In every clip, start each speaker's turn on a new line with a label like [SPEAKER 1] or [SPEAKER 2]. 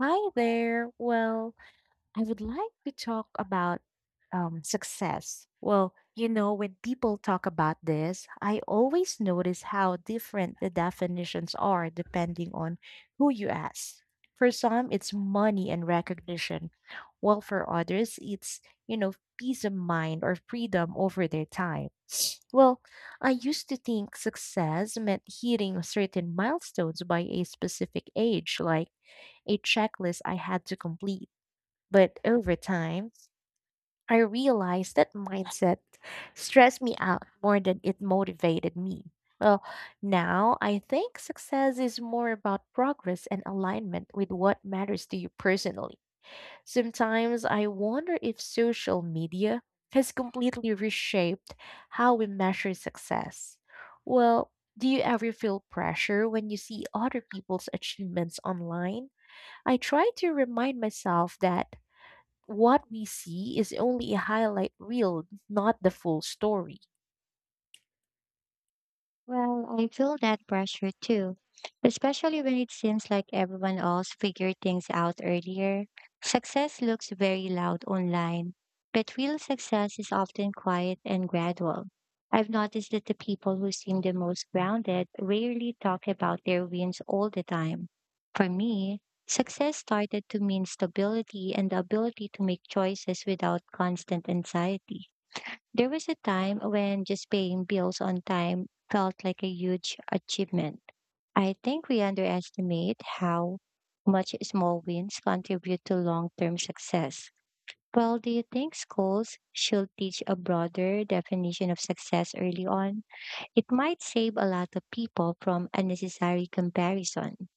[SPEAKER 1] Hi there. Well, I would like to talk about success. Well, you know, when people talk about this, I always notice how different the definitions are depending on who you ask. For some, it's money and recognition, while for others, it's, you know, peace of mind or freedom over their time. Well, I used to think success meant hitting certain milestones by a specific age, like a checklist I had to complete. But over time, I realized that mindset stressed me out more than it motivated me. Well, now I think success is more about progress and alignment with what matters to you personally. Sometimes I wonder if social media has completely reshaped how we measure success. Well, do you ever feel pressure when you see other people's achievements online? I try to remind myself that what we see is only a highlight reel, not the full story.
[SPEAKER 2] Well, I feel that pressure too, especially when it seems like everyone else figured things out earlier. Success looks very loud online, but real success is often quiet and gradual. I've noticed that the people who seem the most grounded rarely talk about their wins all the time. For me, success started to mean stability and the ability to make choices without constant anxiety. There was a time when just paying bills on time felt like a huge achievement. I think we underestimate how much small wins contribute to long term success. Well, do you think schools should teach a broader definition of success early on? It might save a lot of people from unnecessary comparison.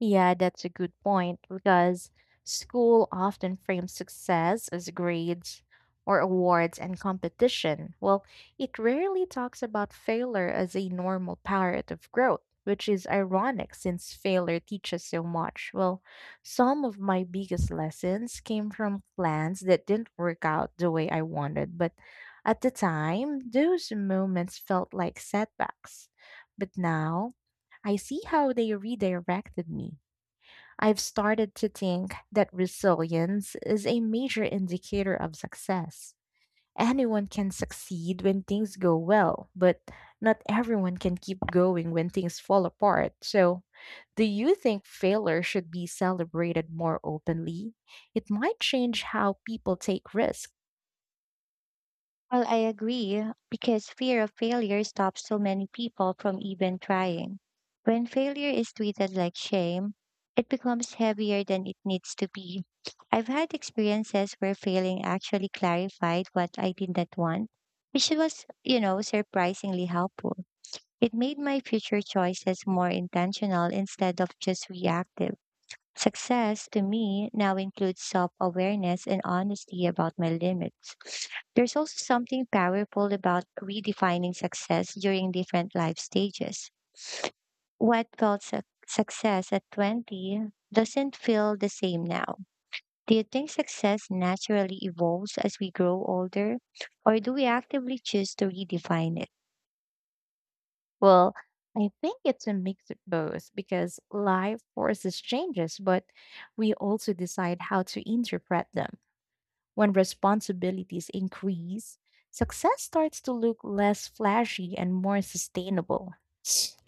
[SPEAKER 1] Yeah, that's a good point because school often frames success as grades or awards and competition. Well, it rarely talks about failure as a normal part of growth, which is ironic since failure teaches so much. Well, some of my biggest lessons came from plans that didn't work out the way I wanted, but at the time, those moments felt like setbacks. But now, I see how they redirected me. I've started to think that resilience is a major indicator of success. Anyone can succeed when things go well, but not everyone can keep going when things fall apart. So, do you think failure should be celebrated more openly? It might change how people take risks.
[SPEAKER 2] Well, I agree because fear of failure stops so many people from even trying. When failure is treated like shame, it becomes heavier than it needs to be. I've had experiences where failing actually clarified what I did not want, which was, surprisingly helpful. It made my future choices more intentional instead of just reactive. Success to me now includes self awareness and honesty about my limits. There's also something powerful about redefining success during different life stages. What felt su- Success at 20 doesn't feel the same now. Do you think success naturally evolves as we grow older, or do we actively choose to redefine it?
[SPEAKER 1] Well, I think it's a mix of both because life forces changes, but we also decide how to interpret them. When responsibilities increase, success starts to look less flashy and more sustainable.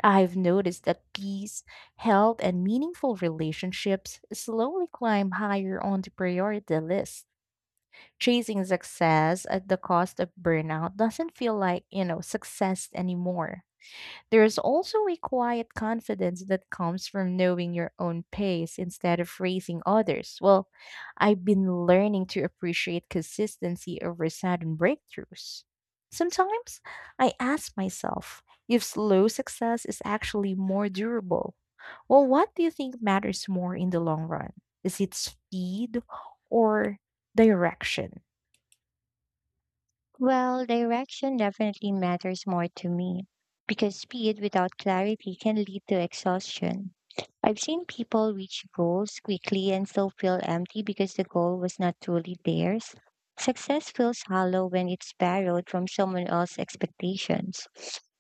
[SPEAKER 1] I've noticed that peace, health, and meaningful relationships slowly climb higher on the priority list. Chasing success at the cost of burnout doesn't feel like, you know, success anymore. There's also a quiet confidence that comes from knowing your own pace instead of racing others. Well, I've been learning to appreciate consistency over sudden breakthroughs. Sometimes I ask myself if slow success is actually more durable. Well, what do you think matters more in the long run? Is it speed or direction?
[SPEAKER 2] Well, direction definitely matters more to me because speed without clarity can lead to exhaustion. I've seen people reach goals quickly and still feel empty because the goal was not truly theirs. Success feels hollow when it's borrowed from someone else's expectations.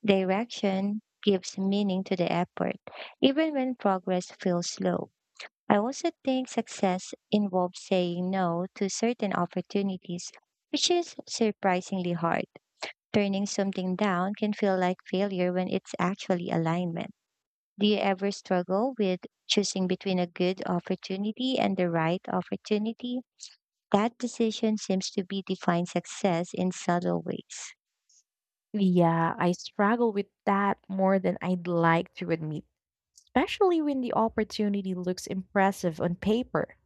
[SPEAKER 2] Direction gives meaning to the effort, even when progress feels slow. I also think success involves saying no to certain opportunities, which is surprisingly hard. Turning something down can feel like failure when it's actually alignment. Do you ever struggle with choosing between a good opportunity and the right opportunity? That decision seems to be defined success in subtle ways.
[SPEAKER 1] Yeah, I struggle with that more than I'd like to admit, especially when the opportunity looks impressive on paper.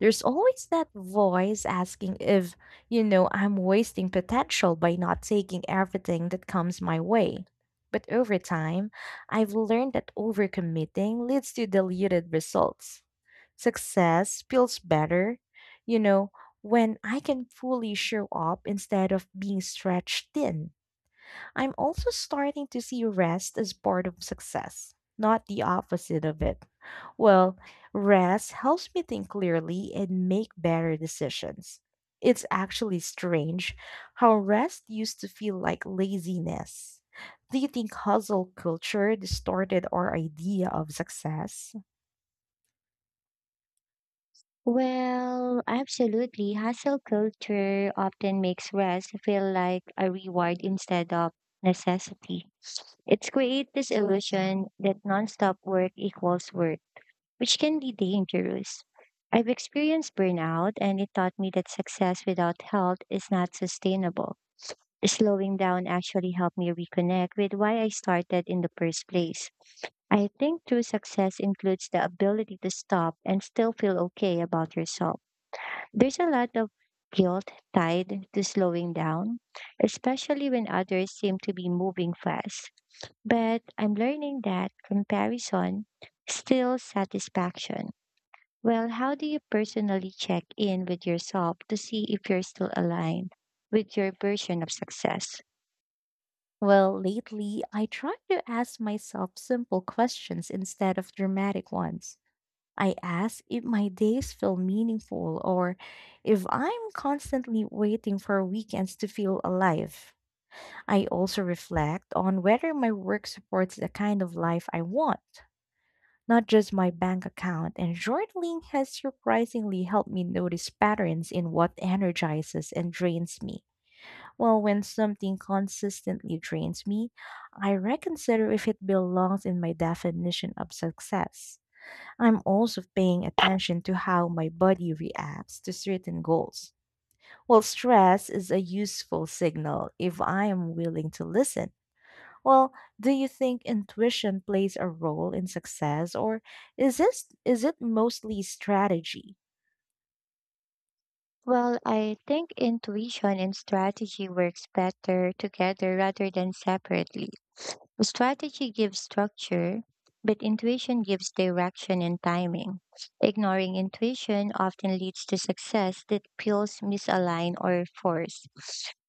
[SPEAKER 1] There's always that voice asking if, you know, I'm wasting potential by not taking everything that comes my way. But over time, I've learned that overcommitting leads to diluted results. Success feels better, you know, when I can fully show up instead of being stretched thin. I'm also starting to see rest as part of success, not the opposite of it. Well, rest helps me think clearly and make better decisions. It's actually strange how rest used to feel like laziness. Do you think hustle culture distorted our idea of success?
[SPEAKER 2] Well, absolutely. Hustle culture often makes rest feel like a reward instead of necessity. It's create this illusion that nonstop work equals work, which can be dangerous. I've experienced burnout and it taught me that success without health is not sustainable. Slowing down actually helped me reconnect with why I started in the first place. I think true success includes the ability to stop and still feel okay about yourself. There's a lot of guilt tied to slowing down, especially when others seem to be moving fast. But I'm learning that comparison steals satisfaction. Well, how do you personally check in with yourself to see if you're still aligned with your version of success?
[SPEAKER 1] Well, lately, I try to ask myself simple questions instead of dramatic ones. I ask if my days feel meaningful or if I'm constantly waiting for weekends to feel alive. I also reflect on whether my work supports the kind of life I want, not just my bank account. And journaling has surprisingly helped me notice patterns in what energizes and drains me. Well, when something consistently drains me, I reconsider if it belongs in my definition of success. I'm also paying attention to how my body reacts to certain goals. Well, stress is a useful signal if I am willing to listen. Well, do you think intuition plays a role in success or is it mostly strategy?
[SPEAKER 2] Well, I think intuition and strategy works better together rather than separately. Strategy gives structure, but intuition gives direction and timing. Ignoring intuition often leads to success that feels misaligned or forced.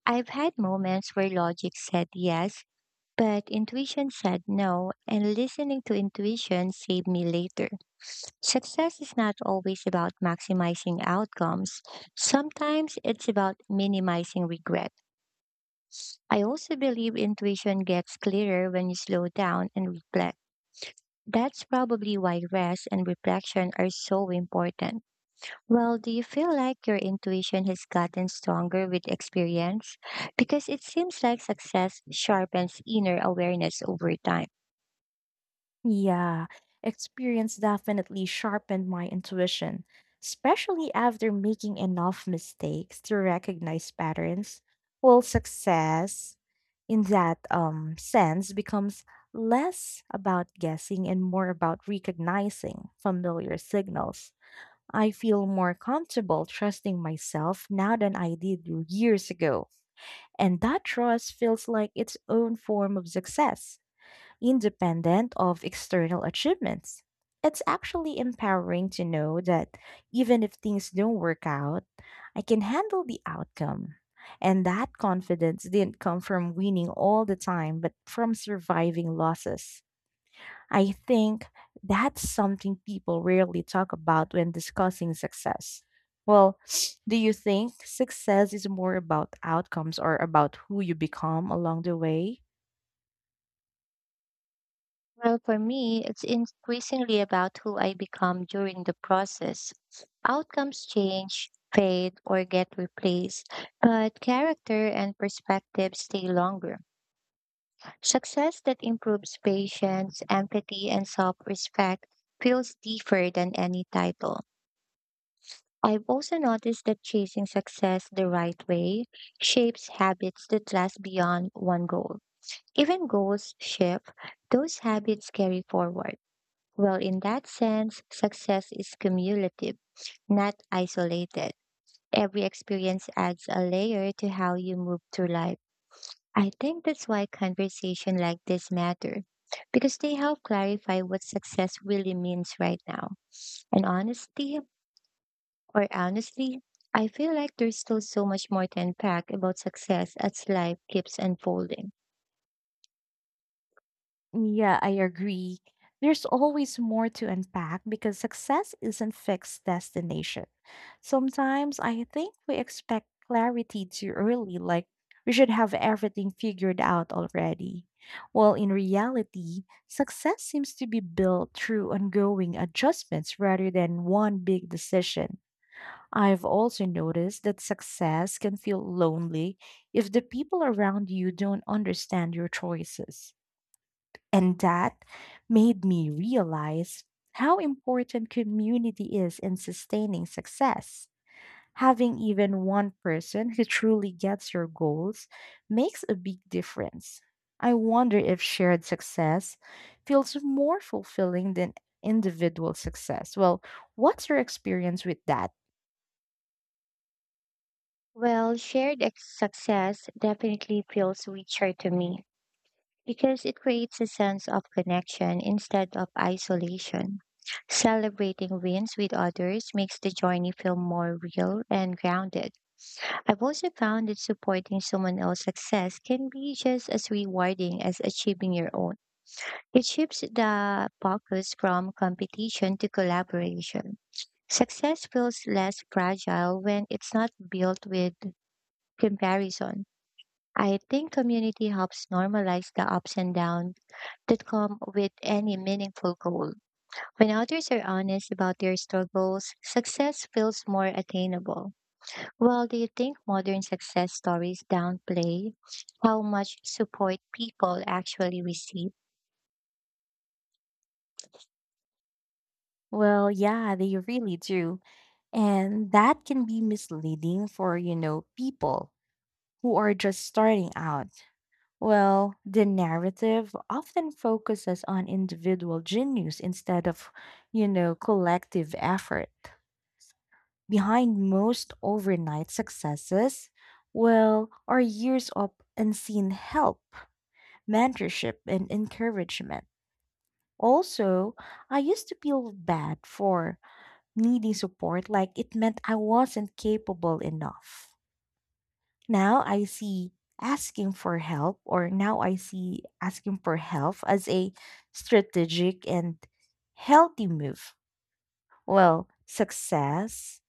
[SPEAKER 2] I've had moments where logic said yes, but intuition said no, and listening to intuition saved me later. Success is not always about maximizing outcomes, sometimes it's about minimizing regret. I also believe intuition gets clearer when you slow down and reflect. That's probably why rest and reflection are so important. Well, do you feel like your intuition has gotten stronger with experience? Because it seems like success sharpens inner awareness over time.
[SPEAKER 1] Yeah, experience definitely sharpened my intuition, especially after making enough mistakes to recognize patterns. Well, success in that sense becomes less about guessing and more about recognizing familiar signals. I feel more comfortable trusting myself now than I did years ago. And that trust feels like its own form of success independent of external achievements. It's actually empowering to know that even if things don't work out, I can handle the outcome. And that confidence didn't come from winning all the time, but from surviving losses. I think that's something people rarely talk about when discussing success. Well, do you think success is more about outcomes or about who you become along the way?
[SPEAKER 2] Well, for me, it's increasingly about who I become during the process. Outcomes change, fade, or get replaced, but character and perspective stay longer. Success that improves patience, empathy, and self respect feels deeper than any title. I've also noticed that chasing success the right way shapes habits that last beyond one goal. Even goals shift, those habits carry forward. Well, in that sense, success is cumulative, not isolated. Every experience adds a layer to how you move through life. I think that's why conversation like this matter because they help clarify what success really means right now. And honestly, or honestly, I feel like there's still so much more to unpack about success as life keeps unfolding.
[SPEAKER 1] Yeah, I agree. There's always more to unpack because success isn't fixed destination. Sometimes I think we expect clarity too early, like we should have everything figured out already. While in reality, success seems to be built through ongoing adjustments rather than one big decision. I've also noticed that success can feel lonely if the people around you don't understand your choices. And that made me realize how important community is in sustaining success. Having even one person who truly gets your goals makes a big difference. I wonder if shared success feels more fulfilling than individual success. Well, what's your experience with that?
[SPEAKER 2] Well, success definitely feels richer to me because it creates a sense of connection instead of isolation. Celebrating wins with others makes the journey feel more real and grounded. I've also found that supporting someone else's success can be just as rewarding as achieving your own. It shifts the focus from competition to collaboration. Success feels less fragile when it's not built with comparison. I think community helps normalize the ups and downs that come with any meaningful goal. When others are honest about their struggles, success feels more attainable. Well, do you think modern success stories downplay how much support people actually receive?
[SPEAKER 1] Well, yeah, they really do. And that can be misleading for, you know, people who are just starting out. Well, the narrative often focuses on individual genius instead of, you know, collective effort. Behind most overnight successes, well, are years of unseen help, mentorship, and encouragement. Also, I used to feel bad for needing support, like it meant I wasn't capable enough. Now I see asking for help, or now I see asking for help as a strategic and healthy move. Well, success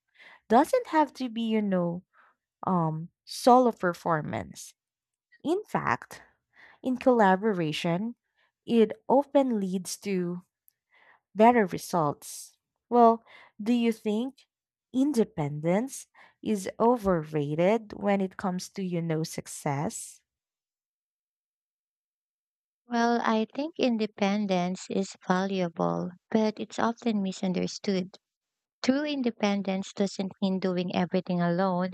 [SPEAKER 1] doesn't have to be, you know, solo performance. In fact, in collaboration, it often leads to better results. Well, do you think independence is overrated when it comes to, you know, success?
[SPEAKER 2] Well, I think independence is valuable, but it's often misunderstood. True independence doesn't mean doing everything alone.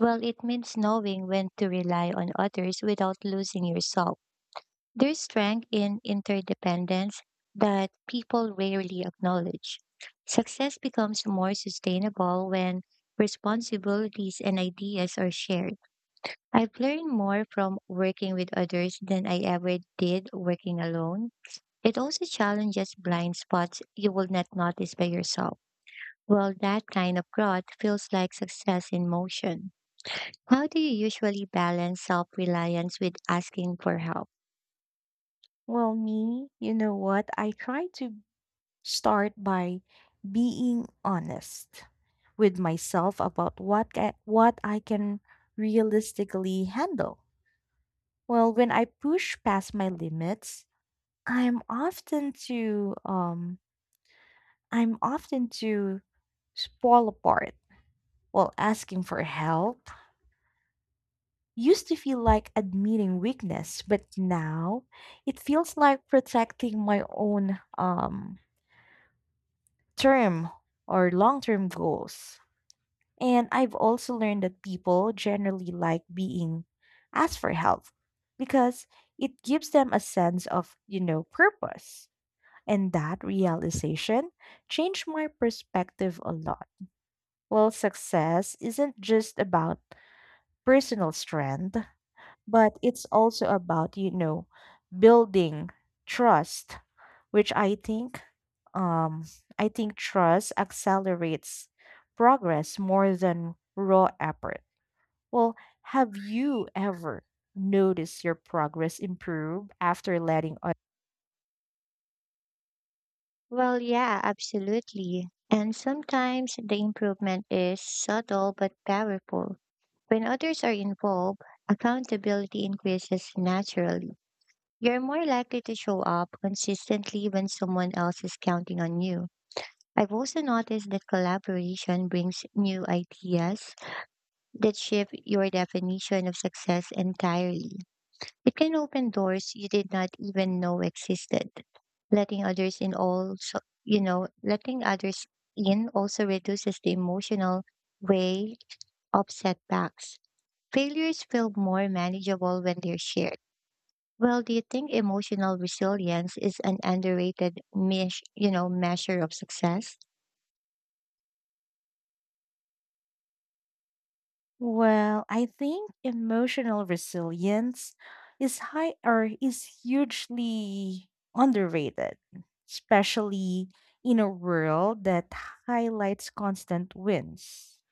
[SPEAKER 2] Well, it means knowing when to rely on others without losing yourself. There's strength in interdependence that people rarely acknowledge. Success becomes more sustainable when responsibilities and ideas are shared. I've learned more from working with others than I ever did working alone. It also challenges blind spots you will not notice by yourself. Well, that kind of growth feels like success in motion. How do you usually balance self reliance with asking for help?
[SPEAKER 1] Well, me, you know what? I try to start by being honest with myself about what I can realistically handle. Well, when I push past my limits, I'm often to um I'm often to fall apart. Well, asking for help used to feel like admitting weakness, but now it feels like protecting my own term or long term goals. And I've also learned that people generally like being asked for help because it gives them a sense of, you know, purpose. And that realization changed my perspective a lot. Well, success isn't just about personal strength, but it's also about, you know, building trust, which um I think trust accelerates progress more than raw effort. Well, have you ever noticed your progress improve after letting others?
[SPEAKER 2] Well, yeah, absolutely. And sometimes the improvement is subtle but powerful. When others are involved, accountability increases naturally. You're more likely to show up consistently when someone else is counting on you. I've also noticed that collaboration brings new ideas that shift your definition of success entirely. It can open doors you did not even know existed. Letting others in also, you know, letting others in also reduces the emotional weight of setbacks. Failures feel more manageable when they're shared. Well, do you think emotional resilience is an underrated measure of success?
[SPEAKER 1] Well, I think emotional resilience is high or is hugely underrated, especially in a world that highlights constant wins.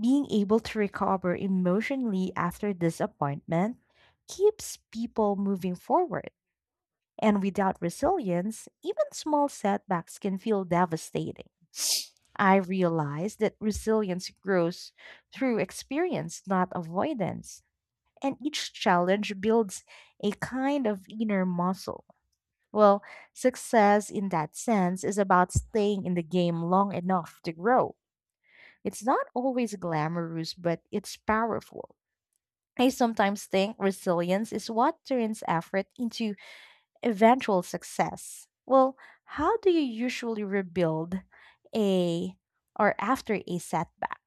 [SPEAKER 1] Being able to recover emotionally after disappointment keeps people moving forward. And without resilience, even small setbacks can feel devastating. I realized that resilience grows through experience, not avoidance. And each challenge builds a kind of inner muscle. Well, success in that sense is about staying in the game long enough to grow. It's not always glamorous, but it's powerful. I sometimes think resilience is what turns effort into eventual success. Well, how do you usually rebuild a or after a setback?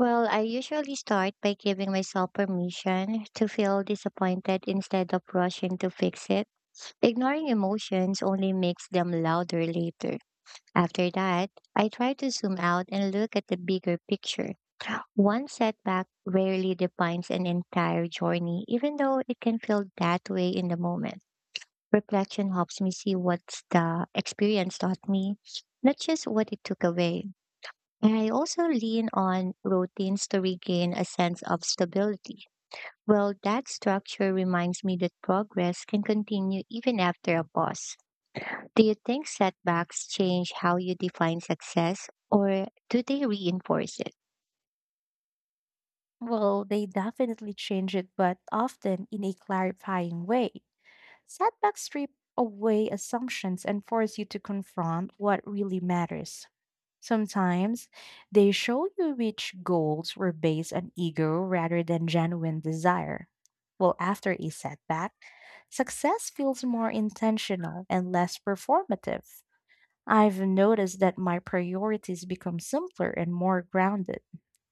[SPEAKER 2] Well, I usually start by giving myself permission to feel disappointed instead of rushing to fix it. Ignoring emotions only makes them louder later. After that, I try to zoom out and look at the bigger picture. One setback rarely defines an entire journey, even though it can feel that way in the moment. Reflection helps me see what the experience taught me, not just what it took away. And I also lean on routines to regain a sense of stability. Well, that structure reminds me that progress can continue even after a pause. Do you think setbacks change how you define success, or do they reinforce it?
[SPEAKER 1] Well, they definitely change it, but often in a clarifying way. Setbacks strip away assumptions and force you to confront what really matters. Sometimes they show you which goals were based on ego rather than genuine desire. Well, after a setback, success feels more intentional and less performative. I've noticed that my priorities become simpler and more grounded.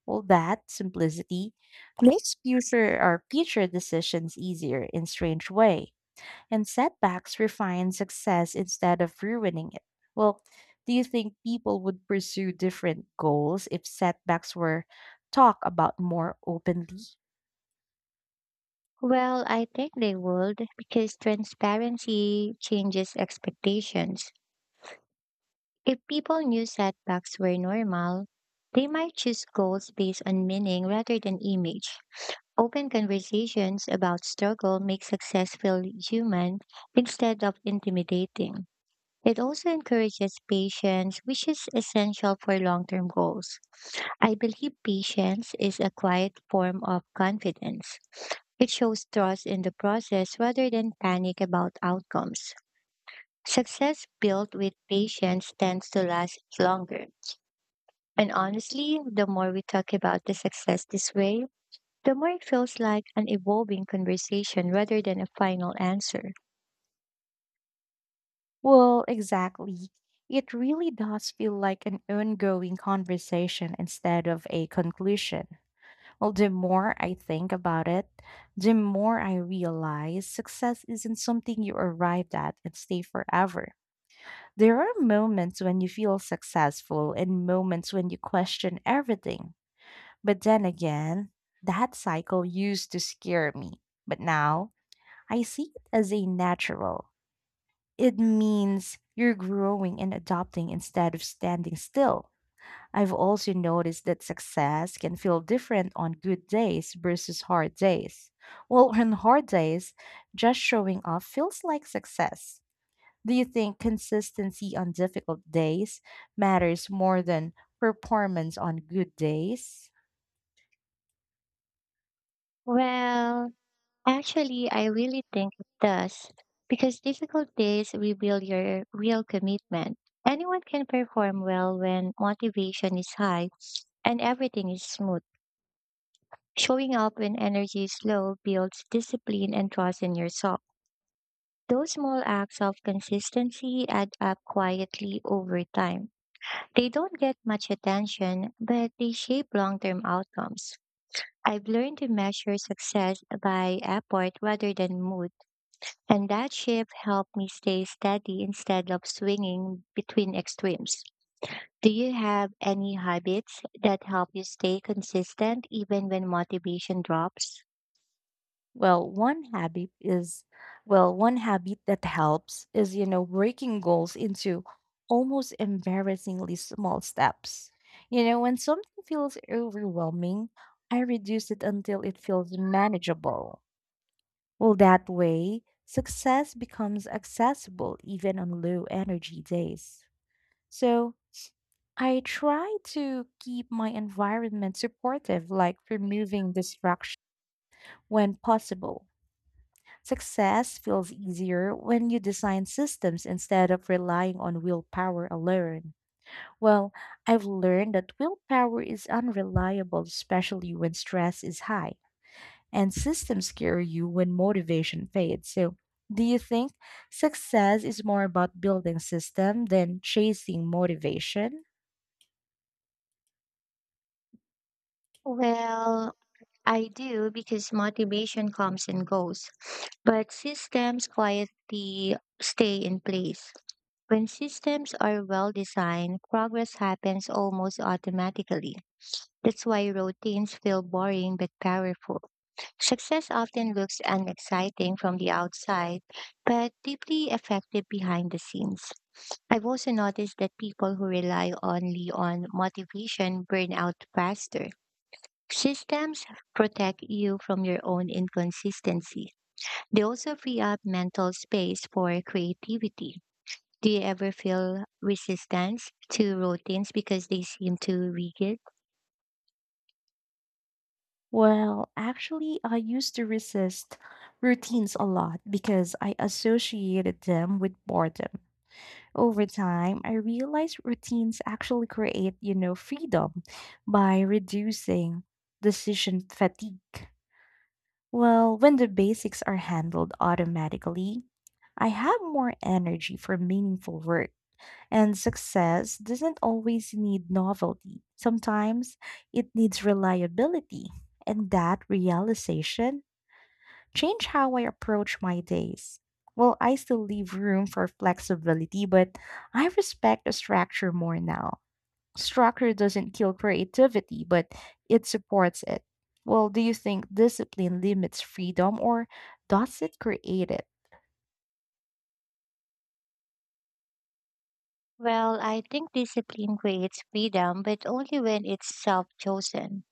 [SPEAKER 1] Well, that simplicity makes future decisions easier in strange way, and setbacks refine success instead of ruining it. Well, do you think people would pursue different goals if setbacks were talked about more openly?
[SPEAKER 2] Well, I think they would because transparency changes expectations. If people knew setbacks were normal, they might choose goals based on meaning rather than image. Open conversations about struggle make success feel human instead of intimidating. It also encourages patience, which is essential for long term goals. I believe patience is a quiet form of confidence. It shows trust in the process rather than panic about outcomes. Success built with patience tends to last longer. And honestly, the more we talk about the success this way, the more it feels like an evolving conversation rather than a final answer.
[SPEAKER 1] Well, exactly. It really does feel like an ongoing conversation instead of a conclusion. Well, the more I think about it, the more I realize success isn't something you arrived at and stay forever. There are moments when you feel successful and moments when you question everything. But then again, that cycle used to scare me. But now I see it as a natural. It means you're growing and adopting instead of standing still. I've also noticed that success can feel different on good days versus hard days. Well, on hard days, just showing up feels like success. Do you think consistency on difficult days matters more than performance on good days?
[SPEAKER 2] Well, actually, I really think it does because difficult days reveal your real commitment. Anyone can perform well when motivation is high and everything is smooth. Showing up when energy is low builds discipline and trust in yourself. Those small acts of consistency add up quietly over time. They don't get much attention, but they shape long term outcomes. I've learned to measure success by effort rather than mood, and that shift helped me stay steady instead of swinging between extremes. Do you have any habits that help you stay consistent even when motivation drops?
[SPEAKER 1] Well, one habit is, well, one habit that helps is, you know, breaking goals into almost embarrassingly small steps. You know, when something feels overwhelming, I reduce it until it feels manageable. Well, that way, success becomes accessible even on low energy days. So, I try to keep my environment supportive, like removing distraction when possible. Success feels easier when you design systems instead of relying on willpower alone. Well, I've learned that willpower is unreliable, especially when stress is high and systems scare you when motivation fades. So, do you think success is more about building system than chasing motivation?
[SPEAKER 2] Well, I do because motivation comes and goes, but systems quietly stay in place. When systems are well designed, progress happens almost automatically. That's why routines feel boring but powerful. Success often looks unexciting from the outside, but deeply effective behind the scenes. I've also noticed that people who rely only on motivation burn out faster. Systems protect you from your own inconsistency. They also free up mental space for creativity. Do you ever feel resistance to routines because they seem too rigid?
[SPEAKER 1] Well, actually, I used to resist routines a lot because I associated them with boredom. Over time, I realized routines actually create, you know, freedom by reducing decision fatigue. Well, when the basics are handled automatically, I have more energy for meaningful work. And success doesn't always need novelty. Sometimes it needs reliability. And that realization change how I approach my days. Well, I still leave room for flexibility, but I respect the structure more now. Structure doesn't kill creativity, but it supports it. Well, do you think discipline limits freedom or does it create it?
[SPEAKER 2] Well, I think discipline creates freedom, but only when it's self chosen.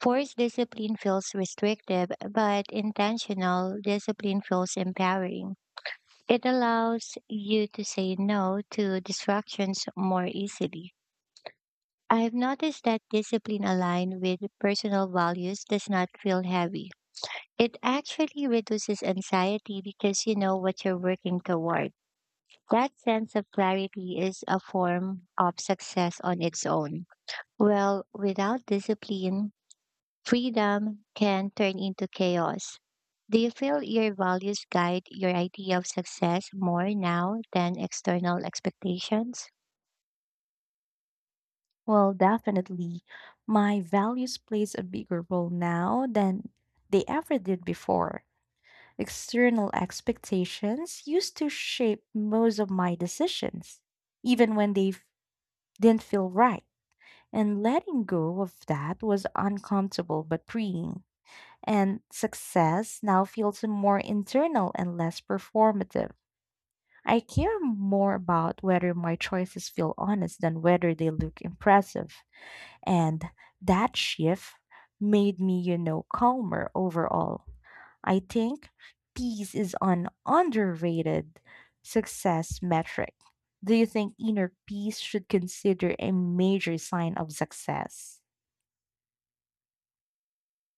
[SPEAKER 2] Forced discipline feels restrictive, but intentional discipline feels empowering. It allows you to say no to distractions more easily. I've noticed that discipline aligned with personal values does not feel heavy. It actually reduces anxiety because you know what you're working toward. That sense of clarity is a form of success on its own. Well, without discipline, freedom can turn into chaos. Do you feel your values guide your idea of success more now than external expectations?
[SPEAKER 1] Well, definitely. My values plays a bigger role now than they ever did before. External expectations used to shape most of my decisions even when they didn't feel right. And letting go of that was uncomfortable but freeing. And success now feels more internal and less performative. I care more about whether my choices feel honest than whether they look impressive. And that shift made me, you know, calmer overall. I think peace is an underrated success metric. Do you think inner peace should consider a major sign of success?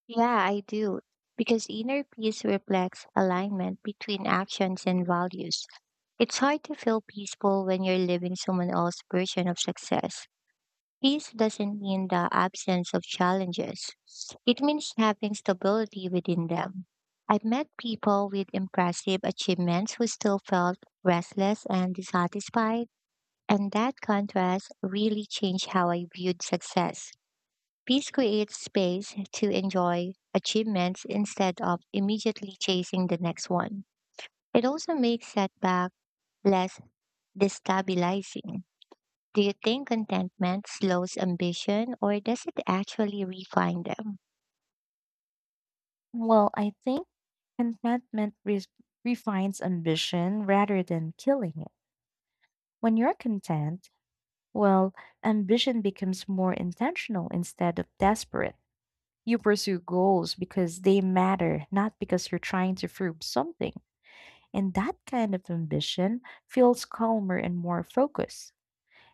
[SPEAKER 2] Yeah, I do. Because inner peace reflects alignment between actions and values. It's hard to feel peaceful when you're living someone else's version of success. Peace doesn't mean the absence of challenges. It means having stability within them. I've met people with impressive achievements who still felt restless and dissatisfied, and that contrast really changed how I viewed success. Peace creates space to enjoy achievements instead of immediately chasing the next one. It also makes setback less destabilizing. Do you think contentment slows ambition or does it actually refine them?
[SPEAKER 1] Well, I think contentment refines ambition rather than killing it. When you're content, well, ambition becomes more intentional instead of desperate. You pursue goals because they matter, not because you're trying to prove something. And that kind of ambition feels calmer and more focused.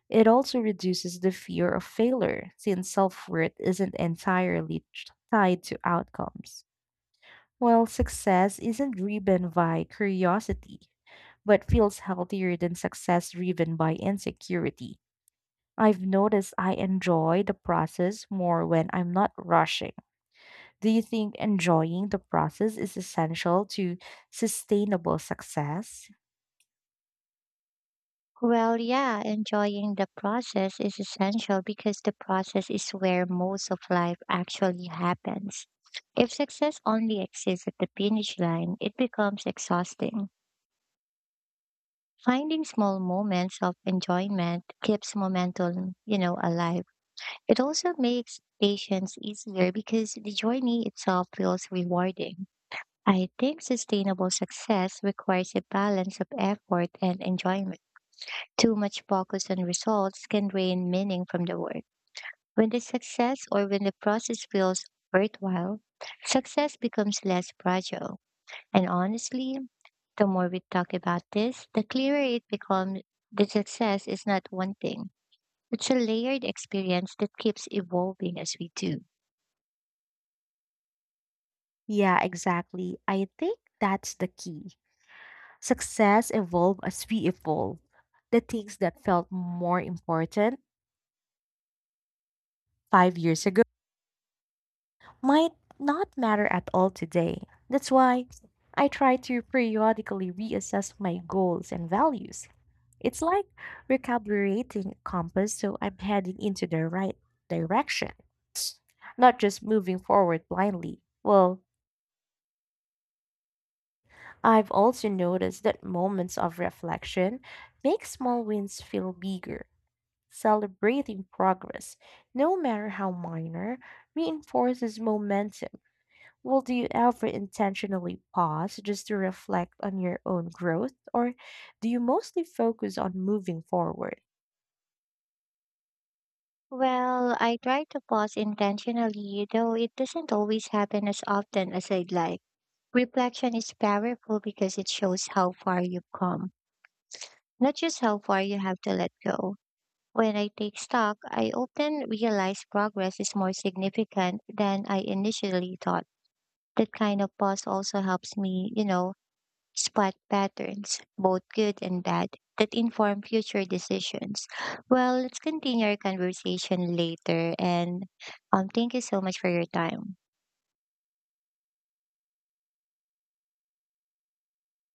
[SPEAKER 1] It also reduces the fear of failure, since self worth isn't entirely tied to outcomes. While success isn't driven by curiosity, but feels healthier than success driven by insecurity. I've noticed I enjoy the process more when I'm not rushing. Do you think enjoying the process is essential to sustainable success?
[SPEAKER 2] Well, yeah, enjoying the process is essential because the process is where most of life actually happens. If success only exists at the finish line, it becomes exhausting. Finding small moments of enjoyment keeps momentum, alive. It also makes patience easier because the journey itself feels rewarding. I think sustainable success requires a balance of effort and enjoyment. Too much focus on results can drain meaning from the work. When the process feels worthwhile, success becomes less fragile. And honestly, the more we talk about this, the clearer it becomes the success is not one thing. It's a layered experience that keeps evolving as we do.
[SPEAKER 1] Yeah, exactly. I think that's the key. Success evolved as we evolve. The things that felt more important 5 years ago might not matter at all today. That's why I try to periodically reassess my goals and values. It's like recalibrating a compass so I'm heading into the right direction, not just moving forward blindly. Well, I've also noticed that moments of reflection make small wins feel bigger. Celebrating progress, no matter how minor, reinforces momentum. Well, do you ever intentionally pause just to reflect on your own growth, or do you mostly focus on moving forward?
[SPEAKER 2] Well, I try to pause intentionally, though it doesn't always happen as often as I'd like. Reflection is powerful because it shows how far you've come, not just how far you have to let go. When I take stock, I often realize progress is more significant than I initially thought. That kind of pause also helps me, spot patterns, both good and bad, that inform future decisions. Well, let's continue our conversation later. And thank you so much for your time.